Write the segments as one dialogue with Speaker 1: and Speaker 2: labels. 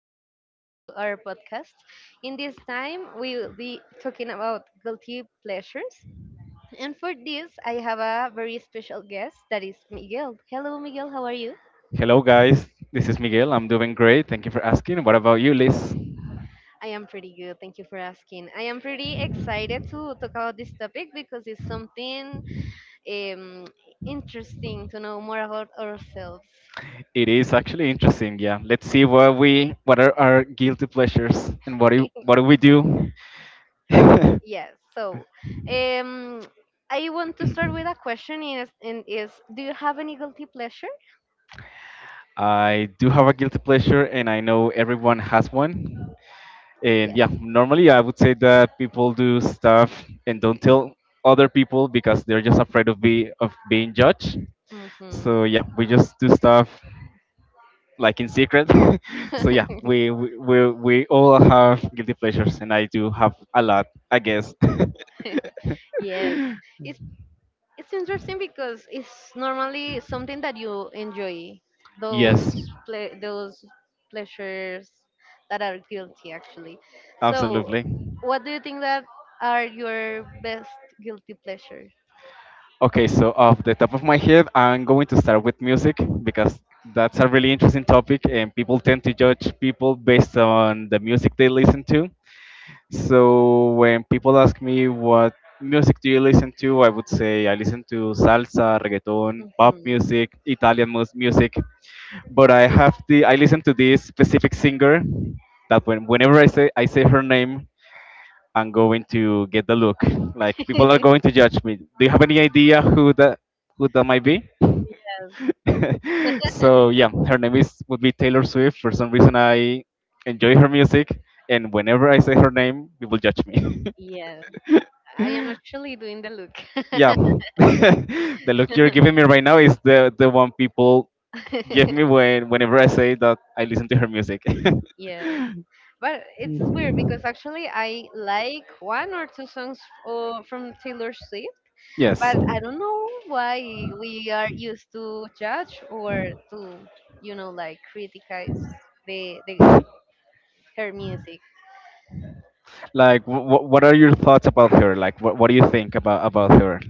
Speaker 1: and listen to our podcast. In this time, we will be talking about guilty pleasures. And for this, I have a very special guest that is Miguel. Hello, Miguel. How are you?
Speaker 2: Hello, guys. This is Miguel. I'm doing great. Thank you for asking. What about you, Liz?
Speaker 1: I am pretty good. Thank you for asking. I am pretty excited to talk about this topic because it's something um, interesting to know more about ourselves.
Speaker 2: It is actually interesting. Yeah. Let's see what are our guilty pleasures, and what do what do we do?
Speaker 1: Yes. So, um, I want to start with a question. Is and is do you have any guilty pleasure?
Speaker 2: I do have a guilty pleasure, and I know everyone has one. And
Speaker 1: Yes.
Speaker 2: yeah, normally I would say that people do stuff and don't tell other people because they're just afraid of being judged.
Speaker 1: Mm-hmm.
Speaker 2: So yeah, we just do stuff like in secret. So yeah, we all have guilty pleasures, and I do have a lot, I guess.
Speaker 1: Yes. It's it's interesting because it's normally something that you enjoy. Those
Speaker 2: Yes,
Speaker 1: those pleasures that are guilty actually. So,
Speaker 2: absolutely.
Speaker 1: what do you think that are your best guilty pleasure?
Speaker 2: Okay, so off the top of my head, I'm going to start with music because that's a really interesting topic, and people tend to judge people based on the music they listen to. So when people ask me what music do you listen to, I would say I listen to salsa, reggaeton, pop
Speaker 1: Mm-hmm.
Speaker 2: music, Italian music, but I have the I listen to this specific singer that whenever I say her name, I'm going to get the look. Like people are going to judge me. Do you have any idea who that might be?
Speaker 1: Yes.
Speaker 2: So yeah, her name is would be Taylor Swift. For some reason, I enjoy her music, and whenever I say her name, people judge me.
Speaker 1: Yes. I am actually doing the look.
Speaker 2: Yeah, the look you're giving me right now is the one people give me whenever I say that I listen to her music.
Speaker 1: Yes. But it's weird because actually I like one or two songs from Taylor Swift,
Speaker 2: Yes.
Speaker 1: but I don't know why we are used to judge or to like criticize the her music.
Speaker 2: Like, what are your thoughts about her? Like, what do you think about her?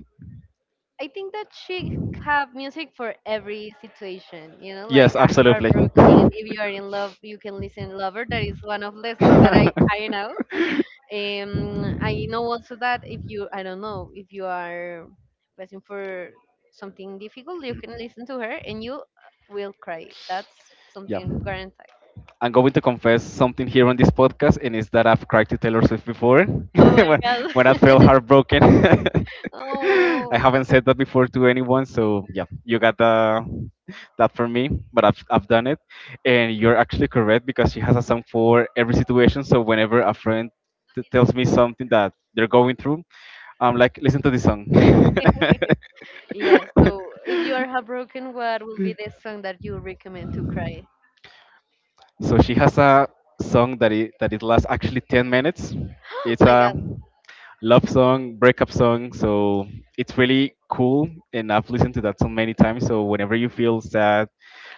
Speaker 1: I think that she have music for every situation like
Speaker 2: Yes,
Speaker 1: a
Speaker 2: absolutely.
Speaker 1: heartbroken. If you are in love, you can listen "Lover." That is one of the songs that I know. I know also that if you, I don't know, if you are passing for something difficult, you can listen to her and you will cry. That's
Speaker 2: Yeah.
Speaker 1: something guaranteed.
Speaker 2: I'm going to confess something here on this podcast, and it's that I've cried to Taylor Swift before
Speaker 1: Oh my
Speaker 2: when,
Speaker 1: god.
Speaker 2: when I felt heartbroken. I
Speaker 1: Oh,
Speaker 2: haven't said that before to anyone, so yeah, you got that for me, but I've done it. And you're actually correct because she has a song for every situation, so whenever a friend tells me something that they're going through, I'm like, listen to this song.
Speaker 1: yeah. So if you are heartbroken, what will be the song that you recommend to cry?
Speaker 2: So she has a song that it lasts actually 10 minutes. It's
Speaker 1: My
Speaker 2: a
Speaker 1: God.
Speaker 2: love song, breakup song. So it's really cool, and I've listened to that so many times. So whenever you feel sad,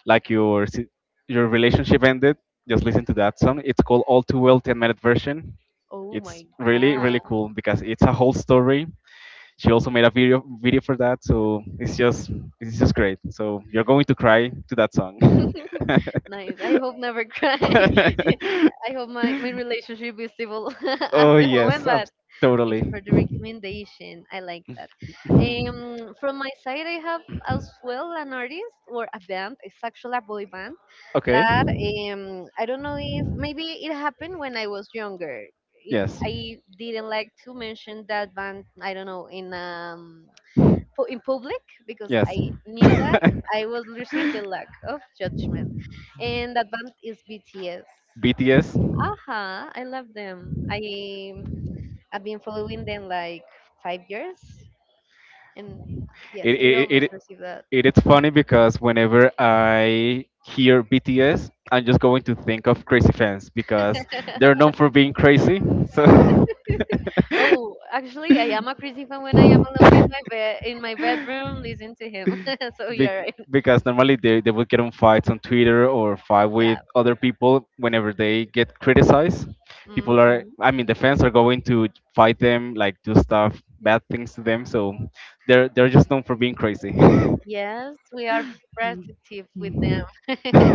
Speaker 2: like your relationship ended, just listen to that song. It's called All Too Well, 10-minute version.
Speaker 1: Oh
Speaker 2: It's
Speaker 1: my
Speaker 2: really
Speaker 1: God.
Speaker 2: cool because it's a whole story. She also made a video for that, so it's just great. So you're going to cry to that song.
Speaker 1: Nice. I hope never cry. I hope my relationship is stable at
Speaker 2: Oh
Speaker 1: the moment,
Speaker 2: yes,
Speaker 1: but. Thank you for
Speaker 2: totally.
Speaker 1: the recommendation. I like that.
Speaker 2: Mhm.
Speaker 1: From my side, I have as well an artist or a band. It's actually a boy band
Speaker 2: Okay.
Speaker 1: that I don't know if maybe it happened when I was younger. It,
Speaker 2: Yes.
Speaker 1: I didn't like to mention that band. I don't know in public because
Speaker 2: Yes.
Speaker 1: I knew that I would receive the lack of judgment, and that band is BTS.
Speaker 2: BTS.
Speaker 1: Aha, I love them. I've been following them like 5 years, and
Speaker 2: It
Speaker 1: yes, I will always
Speaker 2: it
Speaker 1: receive that.
Speaker 2: it it's funny because whenever I hear BTS, I'm just going to think of crazy fans because they're known for being crazy. So
Speaker 1: Oh, actually, I am a crazy fan when I am alone in my bed, in my bedroom, listening to him. So
Speaker 2: Be-
Speaker 1: you're right.
Speaker 2: because normally they would get on fights on Twitter or fight
Speaker 1: Yeah.
Speaker 2: with other people whenever they get criticized.
Speaker 1: Hmm.
Speaker 2: I mean, the fans are going to fight them, like do stuff, bad things to them. So they're just known for being crazy.
Speaker 1: Yes, we are protective with them. Yes,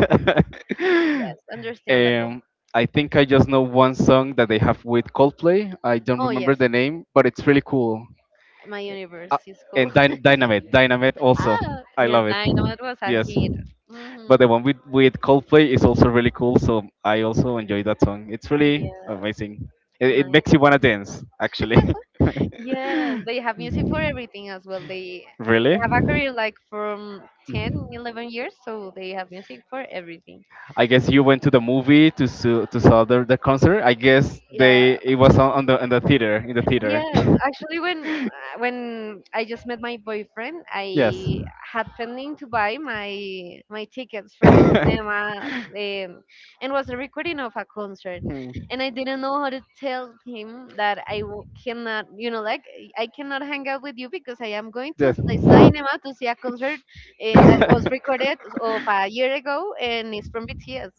Speaker 1: understandable.
Speaker 2: um, I think I just know one song that they have with Coldplay. I don't
Speaker 1: Oh
Speaker 2: remember
Speaker 1: yes,
Speaker 2: the name, but it's really cool.
Speaker 1: my universe
Speaker 2: uh,
Speaker 1: is cool.
Speaker 2: and Dynamite also.
Speaker 1: ah,
Speaker 2: I
Speaker 1: yes,
Speaker 2: love it.
Speaker 1: I know it was a
Speaker 2: Yes,
Speaker 1: hit.
Speaker 2: but
Speaker 1: Mm-hmm.
Speaker 2: the one with Coldplay is also really cool. So I also enjoy that song. It's really
Speaker 1: Yeah,
Speaker 2: amazing. It
Speaker 1: nice.
Speaker 2: makes you wanna dance, actually.
Speaker 1: Yes, they have music for everything as well. They
Speaker 2: Really?
Speaker 1: have a career like from 10, 11 years, so they have music for everything.
Speaker 2: I guess you went to the movie to saw the concert. I guess
Speaker 1: Yeah.
Speaker 2: they it was on the theater in the theater.
Speaker 1: Yes, actually, when when I just met my boyfriend,
Speaker 2: yes.
Speaker 1: I had pending to buy my tickets for the cinema, um, and was a recording of a concert,
Speaker 2: Hmm.
Speaker 1: and I didn't know how to tell him that I cannot hang out with you because I am going to
Speaker 2: Yes.
Speaker 1: the cinema to see a concert that was recorded of a year ago and it's from BTS.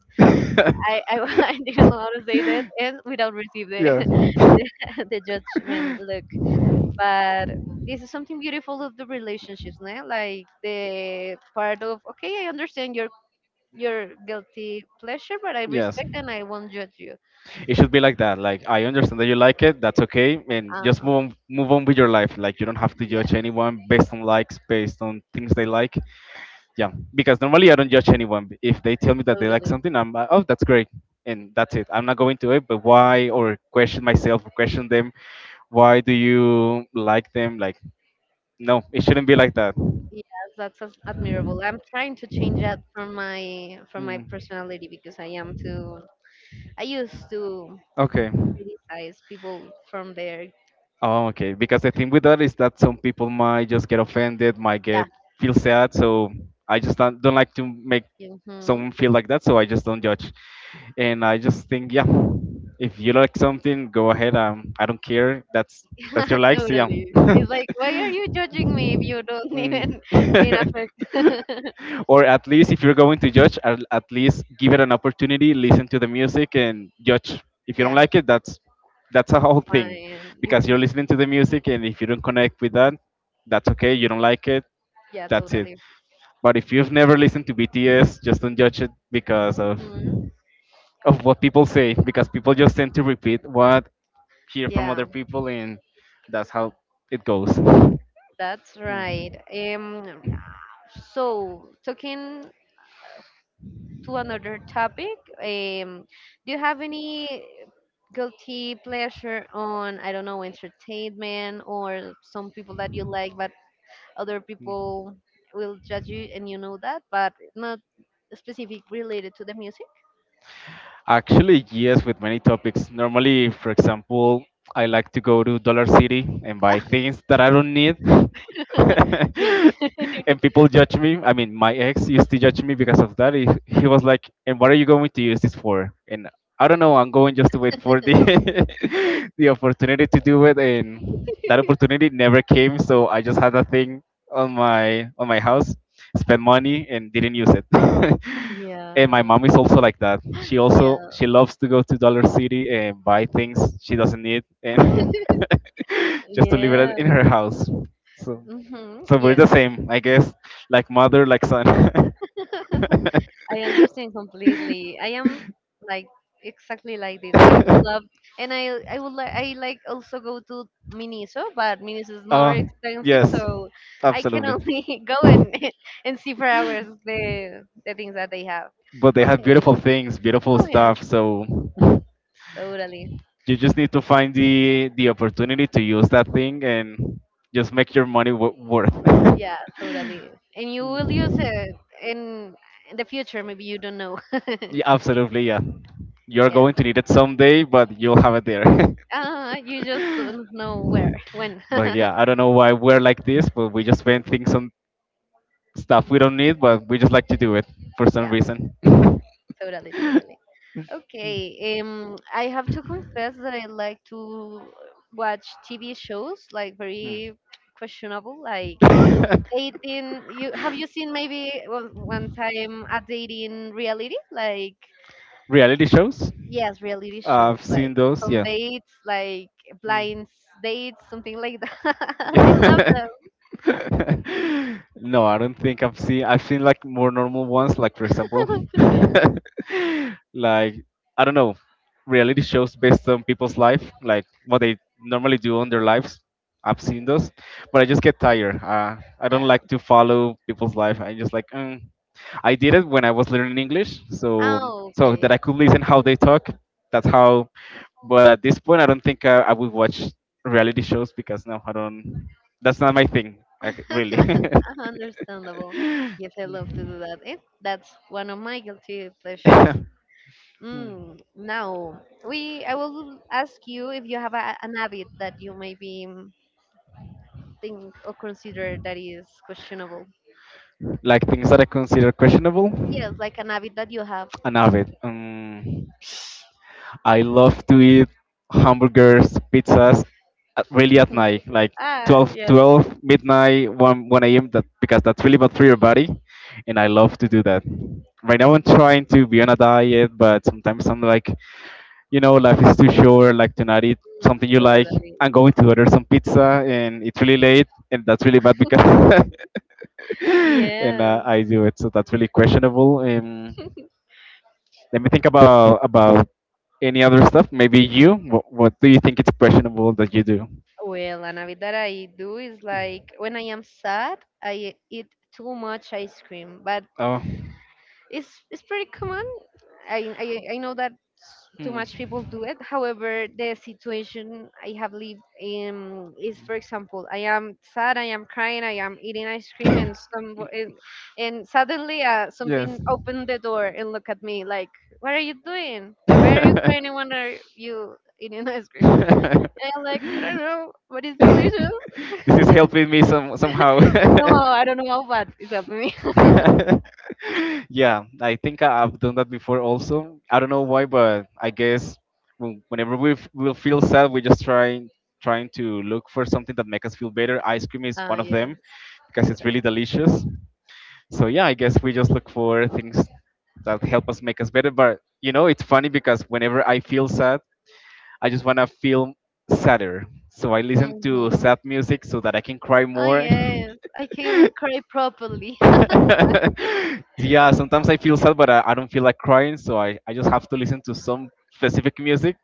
Speaker 1: I I didn't know how to say that, and without receive
Speaker 2: Yeah.
Speaker 1: the the judgment look, but this is something beautiful of the relationships, ne? Like the part of, okay, I understand your guilty pleasure, but I
Speaker 2: Yes.
Speaker 1: respect and I won't judge you.
Speaker 2: It should be like that. Like I understand that you like it, that's okay, and just
Speaker 1: Uh-huh.
Speaker 2: move on, move on with your life. Like you don't have to
Speaker 1: Yeah,
Speaker 2: judge anyone based on likes, based on things they like. Yeah, because normally I don't judge anyone. If they tell me that they like
Speaker 1: totally.
Speaker 2: something, I'm like, oh, that's great, and that's it. I'm not going to it, but why or question myself or question them. Why do you like them? Like no, it shouldn't be like that.
Speaker 1: Yes, that's admirable. I'm trying to change that from my
Speaker 2: Mm.
Speaker 1: personality because I am too. I used to
Speaker 2: Okay.
Speaker 1: criticize people from their.
Speaker 2: Oh, okay. Because the thing with that is that some people might just get offended, might
Speaker 1: Yeah.
Speaker 2: get feel sad. So I just don't like to make
Speaker 1: Mm-hmm.
Speaker 2: someone feel like that. So I just don't judge, and I just think, yeah, if you like something, go ahead. I don't care. that's your likes. Yeah.
Speaker 1: Totally, it's like, why are you judging me if you don't
Speaker 2: Mm.
Speaker 1: even mean affect
Speaker 2: Or at least if you're going to judge, at least give it an opportunity, listen to the music and judge. If you
Speaker 1: yeah.
Speaker 2: don't like it, that's a
Speaker 1: It's
Speaker 2: whole thing,
Speaker 1: fine. You
Speaker 2: because
Speaker 1: can,
Speaker 2: you're listening to the music, and if you don't connect with that, that's okay, you don't like it,
Speaker 1: yeah,
Speaker 2: that's it.
Speaker 1: totally.
Speaker 2: But if you've never listened to BTS, just don't judge it because of
Speaker 1: Hmm.
Speaker 2: of what people say, because people just tend to repeat what hear from other
Speaker 1: Yeah,
Speaker 2: people, and that's how it goes.
Speaker 1: that's right. So talking to another topic, um, do you have any guilty pleasure on, I don't know, entertainment or some people that you like, but other people will judge you and you know that, but not specific related to the music?
Speaker 2: Actually, yes, with many topics. Normally, for example, I like to go to Dollar City and buy things that I don't need.
Speaker 1: Me.
Speaker 2: And people judge me. I mean, my ex used to judge me because of that. He was like, "And what are you going to use this for?" And I don't know. I'm going just to wait for the the opportunity to do it, and that opportunity never came. So I just had a thing on my house, spent money, and didn't use it. And my
Speaker 1: Yeah.
Speaker 2: mom is also like that. She also
Speaker 1: Yeah.
Speaker 2: she loves to go to Dollar City and buy things she doesn't need, and just to leave
Speaker 1: Yeah.
Speaker 2: it in her house. So
Speaker 1: Hmm.
Speaker 2: so we're the
Speaker 1: Yes.
Speaker 2: same, I guess. Like mother, like son.
Speaker 1: I understand completely. I am like exactly like this. I love and I like also go to Miniso, but Miniso is more
Speaker 2: uh
Speaker 1: expensive,
Speaker 2: yes.
Speaker 1: so I can
Speaker 2: Absolutely.
Speaker 1: only go and and see for hours the things that they have.
Speaker 2: But they have
Speaker 1: Okay.
Speaker 2: beautiful things, beautiful
Speaker 1: Oh yes,
Speaker 2: stuff, so
Speaker 1: totally.
Speaker 2: you just need to find the opportunity to use that thing and just make your money worth.
Speaker 1: Yeah, totally. And you will use it in in the future. Maybe you don't know.
Speaker 2: Yeah, absolutely, yeah. You're
Speaker 1: Yes.
Speaker 2: going to need it someday, but you'll have it there.
Speaker 1: You just don't know where, when.
Speaker 2: But yeah, I don't know why we're like this, but we just spend things on stuff we don't need, but we just like to do it for some
Speaker 1: Yeah.
Speaker 2: reason.
Speaker 1: Totally, totally. Okay, I have to confess that I like to watch TV shows like
Speaker 2: Hmm.
Speaker 1: very questionable, like dating. You seen maybe one time a dating reality? Like
Speaker 2: Reality shows?
Speaker 1: yes, reality
Speaker 2: I've
Speaker 1: shows
Speaker 2: seen
Speaker 1: like
Speaker 2: those,
Speaker 1: from
Speaker 2: yeah.
Speaker 1: dates, like blind dates, something like that. I love
Speaker 2: Mm.
Speaker 1: them.
Speaker 2: No, I don't think I've seen. I've seen like more normal ones, like for example, like I don't know, reality shows based on people's life, like what they normally do on their lives. I've seen those, but I just get tired. I don't
Speaker 1: Yeah.
Speaker 2: like to follow people's life. I just like, mm. I did it when I was learning English, so
Speaker 1: Oh,
Speaker 2: so that
Speaker 1: okay.
Speaker 2: I could listen how they talk. That's how. But at this point, I don't think I would watch reality shows because no, I don't. That's not my thing, like, really.
Speaker 1: Understandable. Yes, I love to do that. Eh, that's one of my guilty pleasures. Mm, now, we I will ask you if you have a, an habit that you maybe think or consider that is questionable.
Speaker 2: like things that I consider questionable.
Speaker 1: Yes, like an habit that you have.
Speaker 2: Enough of it. I love to eat hamburgers, pizzas, really at night, like
Speaker 1: Ah,
Speaker 2: 12,
Speaker 1: yes,
Speaker 2: 12 midnight, 1 a.m. That because that's really bad for your body, and I love to do that. Right now, I'm trying to be on a diet, but sometimes I'm like, life is too short. Like tonight, eat something you like.
Speaker 1: totally.
Speaker 2: I'm going to order some pizza, and it's really late, and that's really bad because and
Speaker 1: Yes.
Speaker 2: I do it. So that's really questionable. Let me think about any other stuff. Maybe you. What do you think it's questionable that you do?
Speaker 1: Well, an habit that I do is like when I am sad, I eat too much ice cream, but
Speaker 2: Oh,
Speaker 1: it's pretty common. I, I know that too
Speaker 2: hmm.
Speaker 1: much people do it. However, the situation I have lived in is, for example, I am sad, I am crying, I am eating ice cream, and some and, and suddenly
Speaker 2: Yes.
Speaker 1: something opened the door and look at me like, "What are you doing? Why are you crying? And when are you eating ice cream?"
Speaker 2: This
Speaker 1: And I'm like, "I don't know, but it's delicious."
Speaker 2: is helping me somehow.
Speaker 1: Somehow I don't know, but it's helping me.
Speaker 2: Yeah, I- think I've done that before also. I don't know why, but I guess whenever we'll feel sad, we just trying to look for something that make us feel better. Ice cream is
Speaker 1: Ah,
Speaker 2: one of
Speaker 1: yes,
Speaker 2: them because it's really
Speaker 1: totally.
Speaker 2: delicious. So yeah, I guess we just look for things that help us make us better. But it's funny because whenever I feel sad, I just want to feel sadder. So I listen to
Speaker 1: Hmm.
Speaker 2: sad music so that I can cry
Speaker 1: Ah,
Speaker 2: more.
Speaker 1: yes. I can cry properly.
Speaker 2: Yeah, sometimes I feel sad, but I don't feel like crying. So I just have to listen to some specific music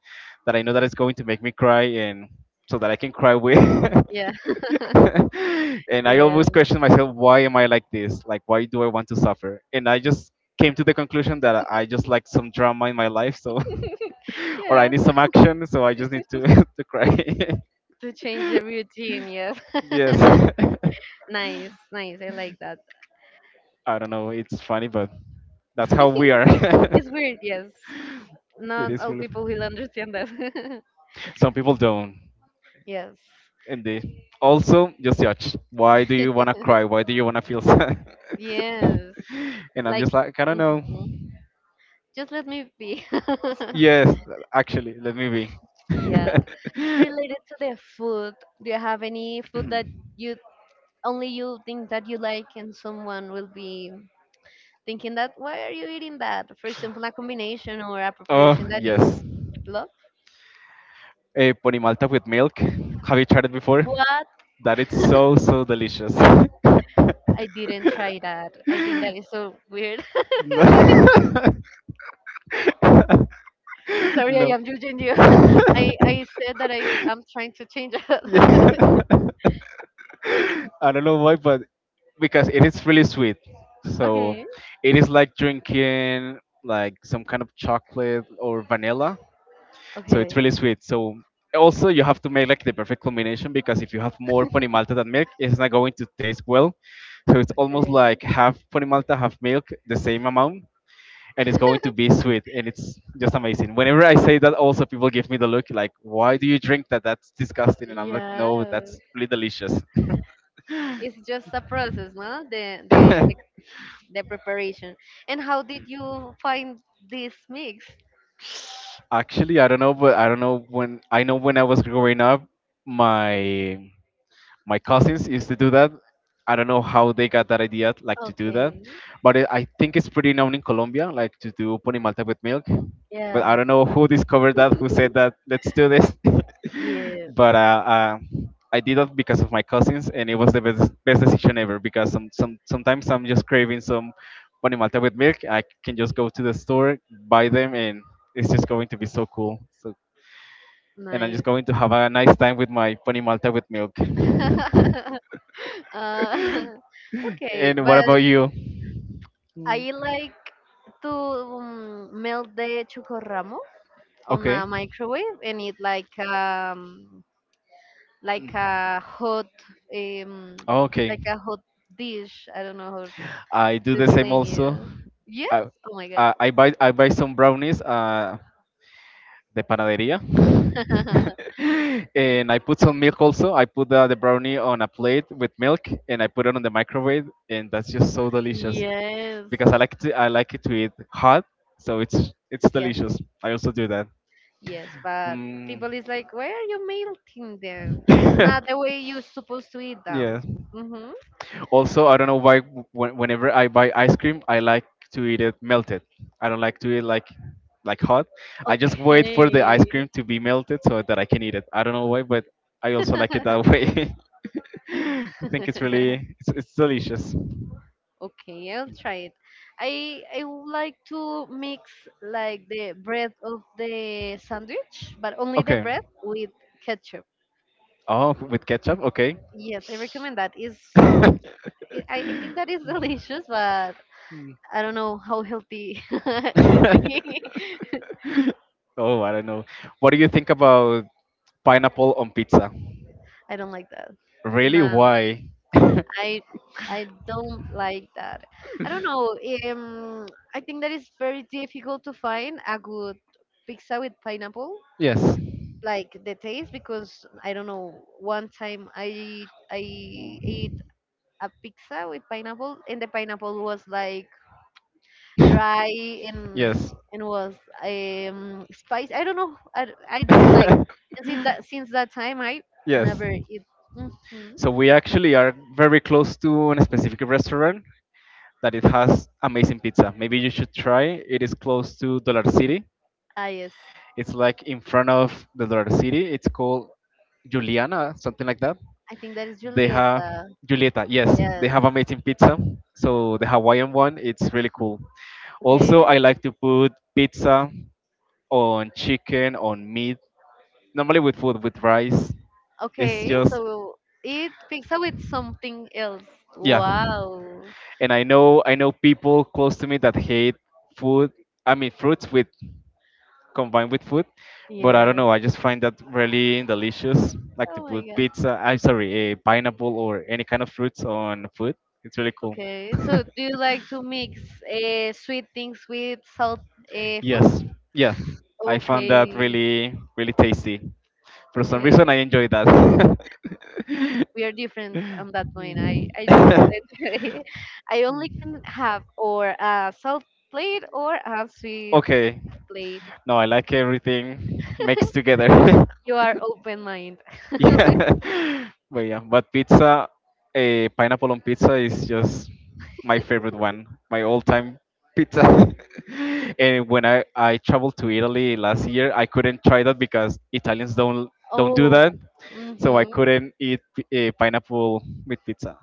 Speaker 2: that I know that is going to make me cry and so that I can cry with.
Speaker 1: Yeah.
Speaker 2: And I
Speaker 1: Yeah.
Speaker 2: always question myself, why am I like this? Like, why do I want to suffer? And I just came to the conclusion that I just like some drama in my life. So, or I
Speaker 1: Yes.
Speaker 2: need some action. So I just need to, to cry.
Speaker 1: To change the routine, yes.
Speaker 2: Yes.
Speaker 1: Nice, nice. I like that.
Speaker 2: I don't know. It's funny, but that's how we are.
Speaker 1: It's weird, yes.
Speaker 2: It
Speaker 1: Not
Speaker 2: is
Speaker 1: all people will
Speaker 2: really.
Speaker 1: understand that.
Speaker 2: Some people don't,
Speaker 1: Yes.
Speaker 2: and they also just judge. Why do you wanna cry? Why do you wanna feel sad?
Speaker 1: Yes.
Speaker 2: And I'm
Speaker 1: Like,
Speaker 2: just like, I don't know.
Speaker 1: mhm. Just let me be.
Speaker 2: Yes, actually, let me
Speaker 1: Yeah.
Speaker 2: be.
Speaker 1: Related to the food, do you have any food that you you think that you like and someone will be thinking that why are you eating that? For example, a combination or a
Speaker 2: Oh
Speaker 1: preparation that
Speaker 2: yes,
Speaker 1: you love.
Speaker 2: a ponimalta with milk. Have you tried it before?
Speaker 1: What?
Speaker 2: That it's so delicious.
Speaker 1: I didn't try that. I think that is so weird. Sorry, I
Speaker 2: No.
Speaker 1: am judging you. I,
Speaker 2: No.
Speaker 1: I said that I am trying to change it.
Speaker 2: Yeah. I don't know why, but because it is really sweet, so
Speaker 1: Okay,
Speaker 2: it is like drinking like some kind of chocolate or vanilla. So it's
Speaker 1: okay, okay.
Speaker 2: really sweet. So also you have to make like the perfect combination because if you have more ponimalta than milk, it's not going to taste well. So it's almost like half ponimalta, half milk, the same amount, and it's going to be sweet, and it's just amazing. Whenever I say that, also people give me the look like, "Why do you drink that? That's disgusting." And I'm like,
Speaker 1: Yeah,
Speaker 2: "No, that's really delicious."
Speaker 1: it's just a process, no? The preparation. And how did you find this mix?
Speaker 2: Actually, I don't know, but I don't know when I was growing up, my my cousins used to do that. I don't know how they got that idea, like to do that,
Speaker 1: Okay.
Speaker 2: but it, I think it's pretty known in Colombia, like to do pony malta with milk. But
Speaker 1: Yeah.
Speaker 2: I don't know who discovered that, who said that. Let's do this.
Speaker 1: Yeah.
Speaker 2: but I did that because of my cousins, and it was the best, best decision ever. Because some sometimes I'm just craving some pony malta with milk. I can just go to the store, buy them, and it's just going to be so cool. So, and I'm just
Speaker 1: Nice.
Speaker 2: going to have a nice time with my pony malta with milk.
Speaker 1: Uh, okay,
Speaker 2: And what
Speaker 1: but
Speaker 2: about you?
Speaker 1: I like to melt the chocorramo on
Speaker 2: Okay.
Speaker 1: a microwave and it like a hot um
Speaker 2: Okay.
Speaker 1: like a hot dish. I don't know how to
Speaker 2: I do the same
Speaker 1: explain
Speaker 2: also.
Speaker 1: you. Yes?
Speaker 2: I,
Speaker 1: Oh my god.
Speaker 2: I buy some brownies the panaderia. and I put some milk also. I put the brownie on a plate with milk and I put it on the microwave and that's just so delicious
Speaker 1: Yes.
Speaker 2: because I like it to eat hot, so it's
Speaker 1: Yes.
Speaker 2: delicious. I also do that.
Speaker 1: Yes, but
Speaker 2: Mm.
Speaker 1: people is like, why are you melting them? It's not the way you're supposed to eat them.
Speaker 2: Yes.
Speaker 1: Mm-hmm.
Speaker 2: Also, I don't know why whenever I buy ice cream, I like to eat it melted. I don't like to eat like hot. I just wait for the ice
Speaker 1: Okay.
Speaker 2: cream to be melted so that I can eat it. I don't know why, but I also like it that way. I think it's it's delicious.
Speaker 1: Okay, I'll try it. I would like to mix like the bread of the sandwich, but only the
Speaker 2: Okay.
Speaker 1: bread with ketchup.
Speaker 2: Oh, with ketchup. Okay.
Speaker 1: Yes, I recommend that. Is I think that is delicious, but I don't know how healthy could be.
Speaker 2: Oh, I don't know. What do you think about pineapple on pizza?
Speaker 1: I don't like that.
Speaker 2: Really?
Speaker 1: No,
Speaker 2: Why?
Speaker 1: I I don't like that. I don't know. Um, I think that is very difficult to find a good pizza with pineapple
Speaker 2: Yes.
Speaker 1: like the taste because I don't know. One time I ate
Speaker 2: Mm.
Speaker 1: a pizza with pineapple, and the pineapple was like dry and
Speaker 2: Yes.
Speaker 1: and was spicy. I don't know. I didn't like. And since that time, I
Speaker 2: Yes.
Speaker 1: never eat. Hmm.
Speaker 2: So we actually are very close to a specific restaurant that it has amazing pizza. Maybe you should try. It is close to Dollar City.
Speaker 1: Ah yes,
Speaker 2: It's like in front of the Dollar City. It's called Juliana, something like that.
Speaker 1: I think that is
Speaker 2: They have
Speaker 1: Julieta.
Speaker 2: Julieta. Yes, they
Speaker 1: Yes.
Speaker 2: have amazing pizza. So the Hawaiian one, it's really cool. Also,
Speaker 1: Okay.
Speaker 2: I like to put pizza on chicken, on meat. Normally with food, with rice. It's
Speaker 1: Okay.
Speaker 2: just
Speaker 1: So eat pizza with something else.
Speaker 2: yeah.
Speaker 1: Wow.
Speaker 2: And I know people close to me that hate food. I mean fruits with combined with food. But I don't
Speaker 1: Yeah.
Speaker 2: know, I just find that really delicious, like to
Speaker 1: Oh my
Speaker 2: put
Speaker 1: god.
Speaker 2: pizza, I'm sorry, a pineapple or any kind of fruits on food. It's really cool.
Speaker 1: Okay, so do you like to mix sweet things with salt food?
Speaker 2: Yes, yeah, I found that
Speaker 1: Okay,
Speaker 2: really, really tasty. For some reason,
Speaker 1: okay.
Speaker 2: I enjoy that.
Speaker 1: We are different on that point. I do not. I only can have or a salt plate or a sweet
Speaker 2: Okay,
Speaker 1: plate.
Speaker 2: no, I like everything mixed together.
Speaker 1: You are open mind.
Speaker 2: Yeah, but yeah, but pizza, a pineapple on pizza is just my favorite one, my all-time pizza. and when I traveled to Italy last year, I couldn't try that because Italians don't do
Speaker 1: Oh,
Speaker 2: that, so I
Speaker 1: mm-hmm.
Speaker 2: couldn't eat a pineapple with pizza.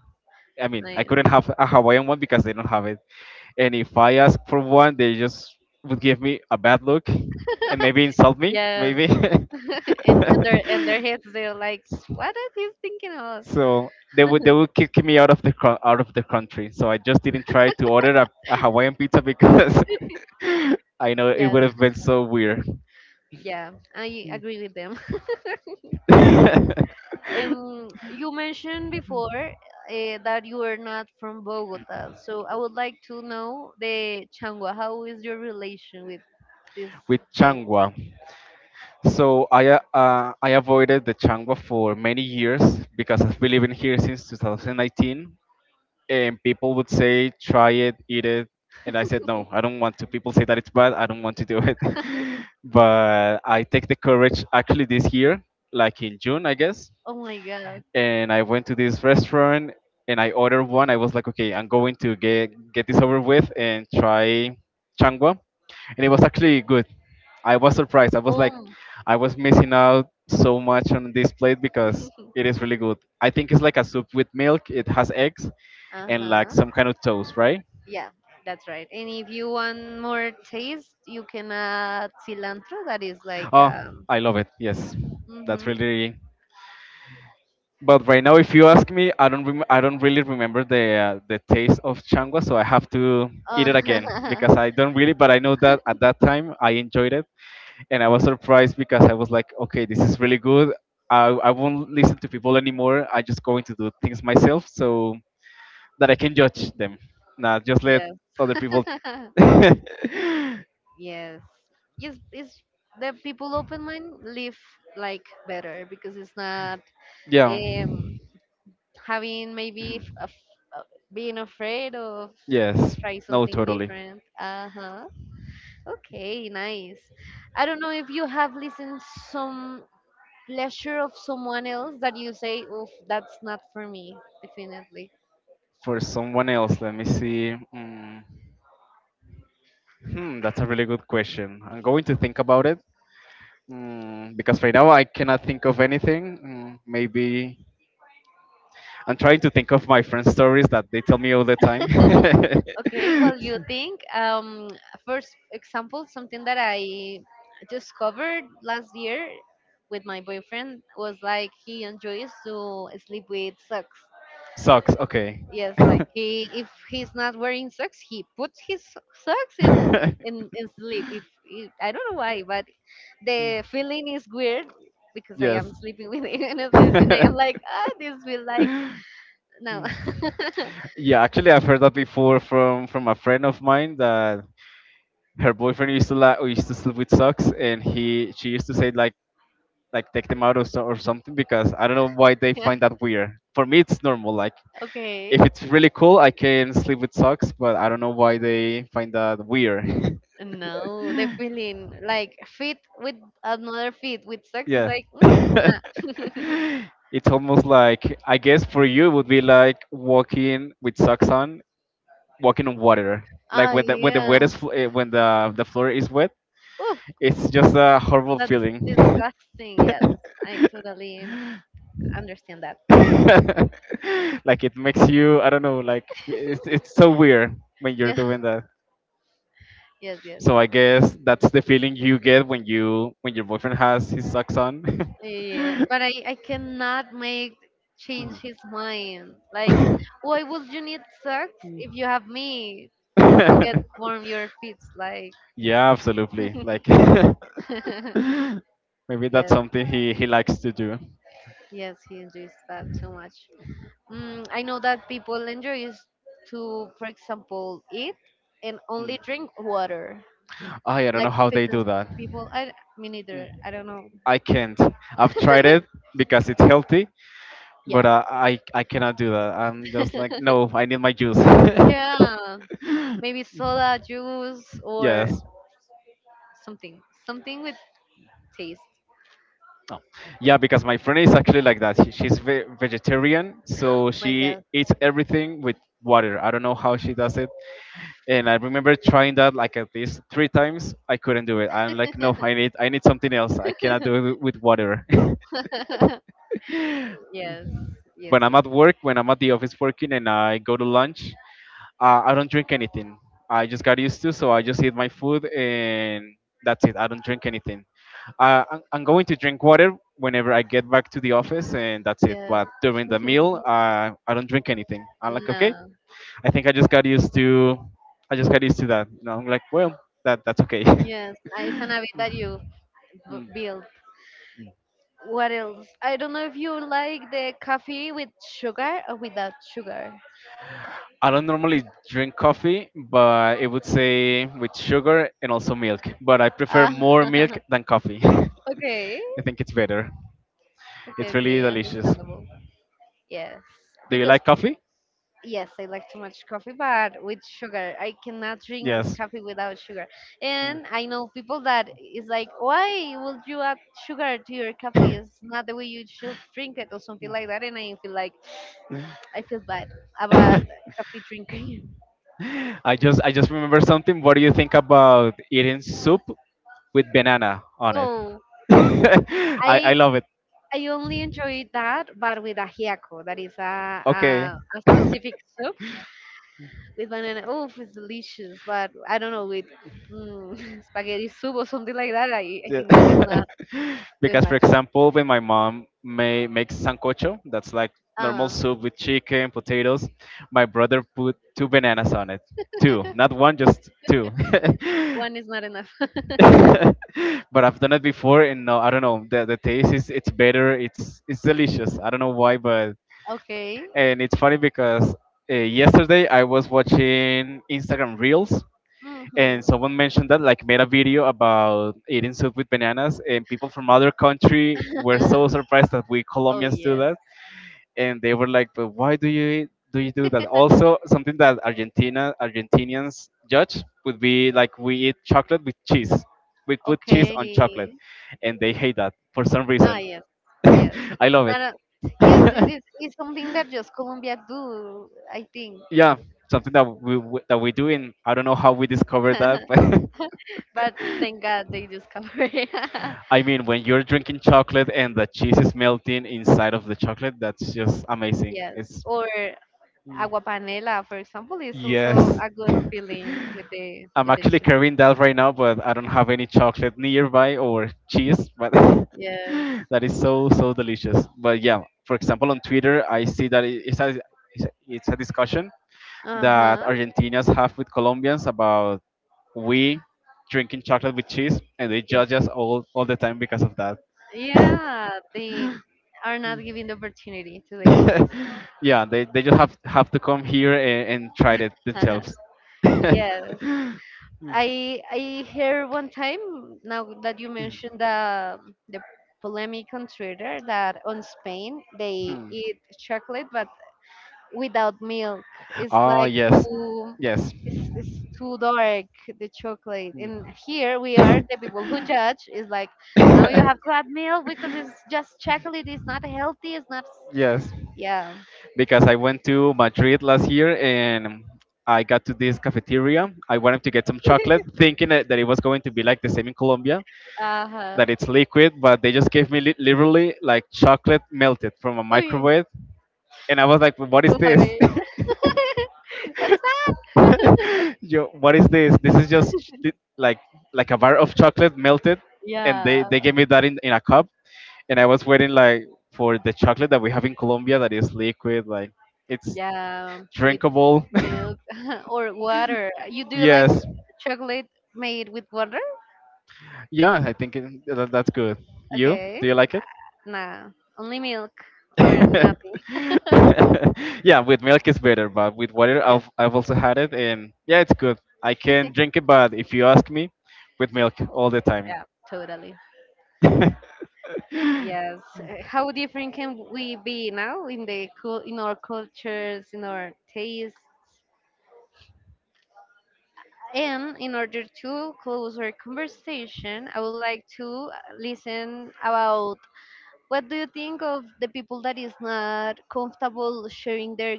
Speaker 2: I mean, I
Speaker 1: Nice.
Speaker 2: couldn't have a Hawaiian one because they don't have it. And if I ask for one, they just would give me a bad look and maybe insult me,
Speaker 1: Yes.
Speaker 2: maybe.
Speaker 1: And their heads they're like, what are you thinking of?
Speaker 2: So they would kick me out of the out of the country. So I just didn't try to order a Hawaiian pizza because I know it
Speaker 1: Yes,
Speaker 2: would have been so weird
Speaker 1: yeah. I agree with them. You mentioned before that you are not from Bogota, so I would like to know the Changua. How is your relation with this
Speaker 2: with
Speaker 1: place?
Speaker 2: changwa. So I avoided the changwa for many years because I've been living here since 2019. And people would say try it, eat it, and I said no, I don't want to. People say that it's bad, I don't want to do it. But I take the courage actually this year, like in June I guess,
Speaker 1: Oh my God.
Speaker 2: and I went to this restaurant and I ordered one. I was like, okay, I'm going to get this over with and try changwa, and it was actually good. I was surprised. I was like,
Speaker 1: Oh,
Speaker 2: I was missing out so much on this plate because it is really good. I think it's like a soup with milk. It has eggs and like
Speaker 1: uh-huh.
Speaker 2: some kind of toast, right?
Speaker 1: Yeah, that's right. And if you want more taste, you can add cilantro. That is like
Speaker 2: Oh,
Speaker 1: um.
Speaker 2: I love it. Yes, that's
Speaker 1: Mm-hmm.
Speaker 2: really. But right now, if you ask me, I don't really remember the taste of changwa, so I have to eat it again
Speaker 1: Uh,
Speaker 2: because I don't really. But I know that at that time I enjoyed it and I was surprised because I was like, okay, this is really good. I won't listen to people anymore. I am just going to do things myself so that I can judge them, not just let
Speaker 1: yes.
Speaker 2: other people.
Speaker 1: Yes. Yes, it's the people open mind live like better because it's not
Speaker 2: Yeah.
Speaker 1: um having maybe being afraid of
Speaker 2: Yes.
Speaker 1: try
Speaker 2: No,
Speaker 1: something
Speaker 2: totally.
Speaker 1: different. Uh-huh. Okay, nice. I don't know if you have listened some pleasure of someone else that you say, oof, that's not for me definitely.
Speaker 2: For someone else, let me see. Mm. Hmm, that's a really good question. I'm going to think about it, because right now I cannot think of anything. Mm, maybe I'm trying to think of my friend stories that they tell me all the time.
Speaker 1: Okay, well you think, first example something that I discovered last year with my boyfriend was like he enjoys to sleep with socks.
Speaker 2: Sucks. Okay.
Speaker 1: Yes, like he if he's not wearing socks, he puts his socks in in sleep. If I don't know why, but the feeling is weird because I am
Speaker 2: Yes.
Speaker 1: sleeping with Ines and, I am like, ah, this will like no.
Speaker 2: Yeah, actually, I've heard that before from a friend of mine that her boyfriend used to sleep with socks, and he she used to say like take them out or, so, or something because I don't know why they
Speaker 1: Yeah.
Speaker 2: find that weird. For me, it's normal. Like
Speaker 1: Okay.
Speaker 2: if it's really cool, I can sleep with socks, but I don't know why they find that weird.
Speaker 1: No, the feeling like feet with another feet with socks is
Speaker 2: Yeah.
Speaker 1: like, mm, nah.
Speaker 2: It's almost like I guess for you it would be like walking with socks on, walking on water. Like
Speaker 1: Oh
Speaker 2: when the wet
Speaker 1: yeah.
Speaker 2: is when the floor is wet,
Speaker 1: Oh,
Speaker 2: it's just a horrible
Speaker 1: that's
Speaker 2: feeling.
Speaker 1: disgusting. Yes, I totally understand that.
Speaker 2: Like it makes you I don't know like it's so weird when you're
Speaker 1: Yeah.
Speaker 2: doing that,
Speaker 1: Yes, yes.
Speaker 2: so I guess that's the feeling you get when your boyfriend has his socks on.
Speaker 1: Yes, but I cannot make change his mind. Like, why would you need sex if you have me to get warm your feet? Like,
Speaker 2: Yeah, absolutely, like maybe that's
Speaker 1: yes,
Speaker 2: something he likes to do.
Speaker 1: yes, he enjoys that too much. Mm, I know that people enjoy is to, for example, eat and only drink water.
Speaker 2: I don't know
Speaker 1: Like
Speaker 2: how they
Speaker 1: fitness
Speaker 2: do that.
Speaker 1: people, I me
Speaker 2: Mm.
Speaker 1: neither. I don't know.
Speaker 2: I can't, I've tried it because it's healthy,
Speaker 1: Yeah.
Speaker 2: but I cannot do that. I'm just like no, I need my juice.
Speaker 1: Yeah, maybe soda, juice, or
Speaker 2: Yes.
Speaker 1: something. Something with taste.
Speaker 2: No. Yeah, because my friend is actually like that. She's vegetarian, so
Speaker 1: My
Speaker 2: she
Speaker 1: God.
Speaker 2: eats everything with water. I don't know how she does it. And I remember trying that like at least three times. I couldn't do it. I'm like, no, I need something else. I cannot do it with water.
Speaker 1: Yes, yes,
Speaker 2: When I'm
Speaker 1: yes.
Speaker 2: at work, when I'm at the office working, and I go to lunch, I don't drink anything. I just got used to, so I just eat my food and that's it. I don't drink anything. I'm going to drink water whenever I get back to the office, and that's it.
Speaker 1: Yeah.
Speaker 2: But during the meal, I don't drink anything. I'm like, okay.
Speaker 1: No.
Speaker 2: I think I just got used to. I just got used to that. You know, I'm like, well, that's okay.
Speaker 1: Yes, it's an habit that you
Speaker 2: Mm.
Speaker 1: build. What else? I don't know if you like the coffee with sugar or without sugar.
Speaker 2: I don't normally drink coffee, but it would say with sugar and also milk. But I prefer
Speaker 1: Ah,
Speaker 2: more milk than coffee.
Speaker 1: okay.
Speaker 2: I think it's better.
Speaker 1: Okay,
Speaker 2: It's really
Speaker 1: okay,
Speaker 2: delicious.
Speaker 1: understandable. Yes,
Speaker 2: Do you
Speaker 1: because
Speaker 2: like coffee?
Speaker 1: yes, I like too much coffee, but with sugar. I cannot drink
Speaker 2: Yes.
Speaker 1: coffee without sugar. And I know people that is like, why would you add sugar to your coffee? It's not the way you should drink it or something like that. And I feel like I feel bad about coffee drinking.
Speaker 2: I just remember something. What do you think about eating soup with banana on it?
Speaker 1: Oh,
Speaker 2: I
Speaker 1: I
Speaker 2: love it.
Speaker 1: only enjoy that, but with ajiaco. That is a,
Speaker 2: Okay.
Speaker 1: a specific soup with banana. Oh, it's delicious. But I don't know with, mm, spaghetti soup or something like that. I
Speaker 2: Yeah.
Speaker 1: think that is not. Doing
Speaker 2: Because for
Speaker 1: much.
Speaker 2: example, when my mom may makes sancocho, that's like normal
Speaker 1: Ah,
Speaker 2: soup with chicken, potatoes, my brother put two bananas on it. Two, not one, just two.
Speaker 1: one is not enough.
Speaker 2: But I've done it before, and no, I don't know. The taste is it's better. It's delicious. I don't know why, but
Speaker 1: Okay.
Speaker 2: and it's funny because yesterday I was watching Instagram Reels,
Speaker 1: Mm-hmm.
Speaker 2: and someone mentioned that like made a video about eating soup with bananas, and people from other country were so surprised that we
Speaker 1: Oh
Speaker 2: Colombians do
Speaker 1: yes.
Speaker 2: that, and they were like, "But why do you do that?" Also, something that Argentina Argentinians judge would be like we eat chocolate with cheese. We put cheese on chocolate,
Speaker 1: Okay.
Speaker 2: and they hate that for some
Speaker 1: Ah
Speaker 2: reason.
Speaker 1: yes. Yes.
Speaker 2: I love it.
Speaker 1: Not a, yes, it is it's something that just Colombia do, I think.
Speaker 2: Yeah, something that we do, and I don't know how we discovered that, but
Speaker 1: But thank God they discover it.
Speaker 2: I mean, when you're drinking chocolate and the cheese is melting inside of the chocolate, that's just amazing.
Speaker 1: Yes.
Speaker 2: It's
Speaker 1: Or agua panela, for example, is also
Speaker 2: yes.
Speaker 1: a good feeling with the
Speaker 2: I'm
Speaker 1: with the
Speaker 2: actually
Speaker 1: cheese.
Speaker 2: carrying that right now, but I don't have any chocolate nearby or cheese. But
Speaker 1: Yes.
Speaker 2: that is so delicious. But yeah, for example, on Twitter, I see that it's a discussion that
Speaker 1: Uh-huh.
Speaker 2: Argentinians have with Colombians about we drinking chocolate with cheese, and they
Speaker 1: Yes.
Speaker 2: judge us all the time because of that.
Speaker 1: Yeah, they are not giving the opportunity to the cheese.
Speaker 2: Yeah, they just have to come here and, try it
Speaker 1: Uh-huh.
Speaker 2: themselves.
Speaker 1: Yes.
Speaker 2: Mm.
Speaker 1: I heard one time now that you mentioned the polemic on Twitter that on Spain they
Speaker 2: Hmm.
Speaker 1: eat chocolate but without milk. It's
Speaker 2: Oh
Speaker 1: like
Speaker 2: yes,
Speaker 1: too
Speaker 2: yes,
Speaker 1: it's too dark the chocolate. And here we are the people who judge is like now you have to add milk because it's just chocolate. It's not healthy. It's not s-"
Speaker 2: yes.
Speaker 1: Yeah.
Speaker 2: Because I went to Madrid last year and I got to this cafeteria. I wanted to get some chocolate, thinking that it was going to be like the same in Colombia,
Speaker 1: Uh huh.
Speaker 2: that it's liquid, but they just gave me literally like chocolate melted from a
Speaker 1: Sorry.
Speaker 2: microwave, and I was like, "What is this?"
Speaker 1: What's that?
Speaker 2: Yo, what is this? This is just like a bar of chocolate melted, and they
Speaker 1: Yeah,
Speaker 2: they gave me that in a cup, and I was waiting like for the chocolate that we have in Colombia that is liquid, like it's
Speaker 1: yeah, with
Speaker 2: drinkable.
Speaker 1: milk or water. You do like
Speaker 2: Yes,
Speaker 1: chocolate made with water?
Speaker 2: yeah, I think that's good. You,
Speaker 1: Okay,
Speaker 2: do you like it?
Speaker 1: nah, only milk or nothing.
Speaker 2: Yeah, with milk is better, but with water,
Speaker 1: Yeah,
Speaker 2: I've also had it, and yeah, it's good. I can drink it, but if you ask me, with milk all the time.
Speaker 1: yeah, totally. Yes. How different can we be now in the cul in our cultures, in our tastes? And in order to close our conversation, I would like to listen about, what do you think of the people that is not comfortable sharing their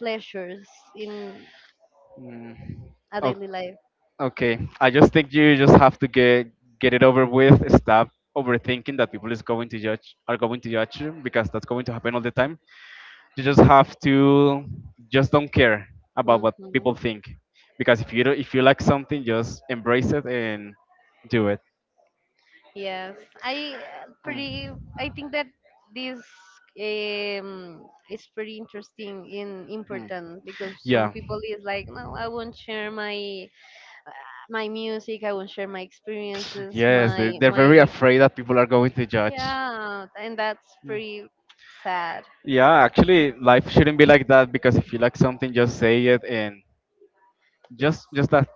Speaker 1: pleasures in
Speaker 2: Mm,
Speaker 1: a
Speaker 2: o-
Speaker 1: daily life?
Speaker 2: okay. I just think you just have to get it over with. Stop overthinking that people is going to judge are going to judge you because that's going to happen all the time. You just have to just don't care about what
Speaker 1: Hmm.
Speaker 2: people think because if you don't, if you like something, just embrace it and do it.
Speaker 1: Yes, I, pretty.
Speaker 2: Mm,
Speaker 1: I think that this um, is pretty interesting and
Speaker 2: mm.
Speaker 1: important because some
Speaker 2: Yeah.
Speaker 1: people is like, no, I won't share my music. I won't share my experiences.
Speaker 2: Yes, they,
Speaker 1: My
Speaker 2: they're very
Speaker 1: my
Speaker 2: afraid that people are going to judge.
Speaker 1: yeah, and that's
Speaker 2: Mm.
Speaker 1: pretty sad.
Speaker 2: Yeah, actually, life shouldn't be like that because if you like something, just say it and
Speaker 1: Yes,
Speaker 2: just that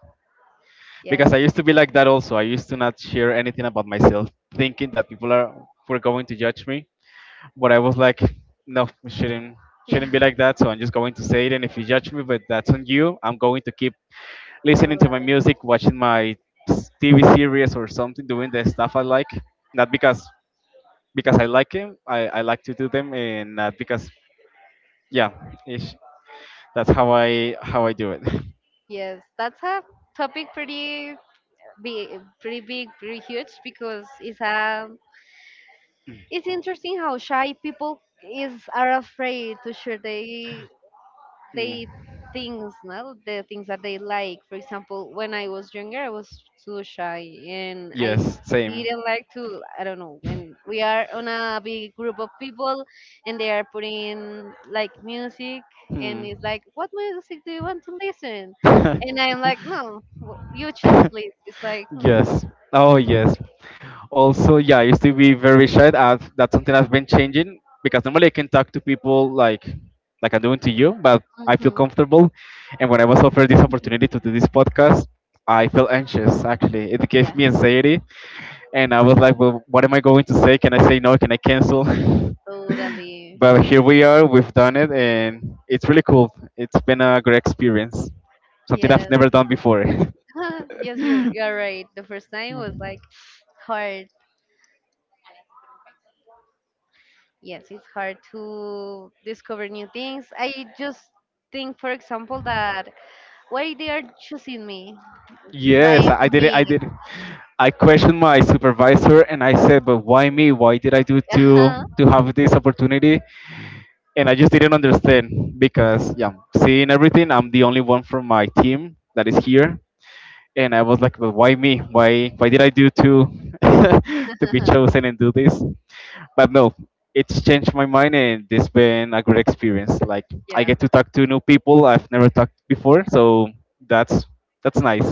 Speaker 1: yes,
Speaker 2: because I used to be like that also. I used to not share anything about myself, thinking that people are were going to judge me. But I was like, no, it
Speaker 1: yeah.
Speaker 2: shouldn't be like that. So I'm just going to say it, and if you judge me, but that's on you. I'm going to keep
Speaker 1: So
Speaker 2: listening to
Speaker 1: that.
Speaker 2: my music, watching my TV series or something, doing the stuff I like. Not because I like them, I like to do them, and not because yeah, ish. That's how I do it.
Speaker 1: Yes, that's a topic pretty big, pretty big, pretty huge because it's it's interesting how shy people is are afraid to share their
Speaker 2: Mm.
Speaker 1: they things, no, the things that they like. For example, when I was younger, I was too shy and I
Speaker 2: Yes, same.
Speaker 1: didn't like to, I don't know, when we are on a big group of people and they are putting like music, and
Speaker 2: Hmm.
Speaker 1: it's like, what music do you want to listen? And I'm like, no, you choose please, it's like
Speaker 2: Yes. Oh, yes. Also, yeah, I used to be very shy. I have that's something that's been changing because normally I can talk to people like I'm doing to you, but I feel
Speaker 1: mm-hmm.
Speaker 2: comfortable. And when I was offered this opportunity to do this podcast, I felt anxious. Actually, it gave
Speaker 1: Yeah,
Speaker 2: me anxiety, and I was like, well, what am I going to say? Can I say no? Can I cancel?
Speaker 1: totally.
Speaker 2: But here we are. We've done it, and it's really cool. It's been a great experience. Something I've
Speaker 1: Yes.
Speaker 2: never done before.
Speaker 1: Yes, you're right, the first time was like hard. Yes, it's hard to discover new things. I just think for example that why they are choosing me,
Speaker 2: Yes,
Speaker 1: why
Speaker 2: I did it.
Speaker 1: me?
Speaker 2: I did it. I questioned my supervisor, and I said, "But why me? Why did I do
Speaker 1: Uh-huh.
Speaker 2: to have this opportunity?" And I just didn't understand because, yeah, seeing everything, I'm the only one from my team that is here, and I was like, well, why me? Why did I do to to be chosen and do this? But no, it's changed my mind and it's been a great experience. Like I
Speaker 1: Yeah,
Speaker 2: get to talk to new people I've never talked before, so that's that's nice.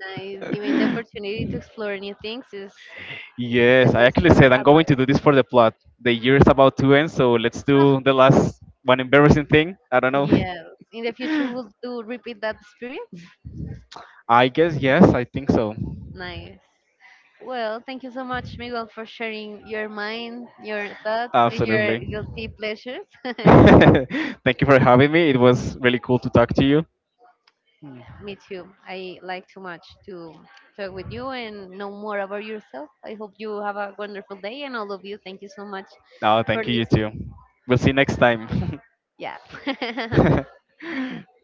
Speaker 1: nice. Giving the opportunity to explore new things is the
Speaker 2: Yes, I
Speaker 1: best
Speaker 2: actually said I'm going to
Speaker 1: advice.
Speaker 2: do this for the plot. The year is about to end, so let's do the last one embarrassing thing. I don't know.
Speaker 1: Yes, in the future we'll do repeat that experience.
Speaker 2: I guess yes, I think so.
Speaker 1: Nice. Well, thank you so much Miguel for sharing your mind, your thoughts, and your
Speaker 2: Absolutely.
Speaker 1: guilty pleasures.
Speaker 2: Thank you for having me. It was really cool to talk to you.
Speaker 1: Me too. I like too much to talk with you and know more about yourself. I hope you have a wonderful day and all of you. Thank you so much
Speaker 2: No,
Speaker 1: for
Speaker 2: thank you, you too.
Speaker 1: listening.
Speaker 2: We'll see you next time.
Speaker 1: Yeah.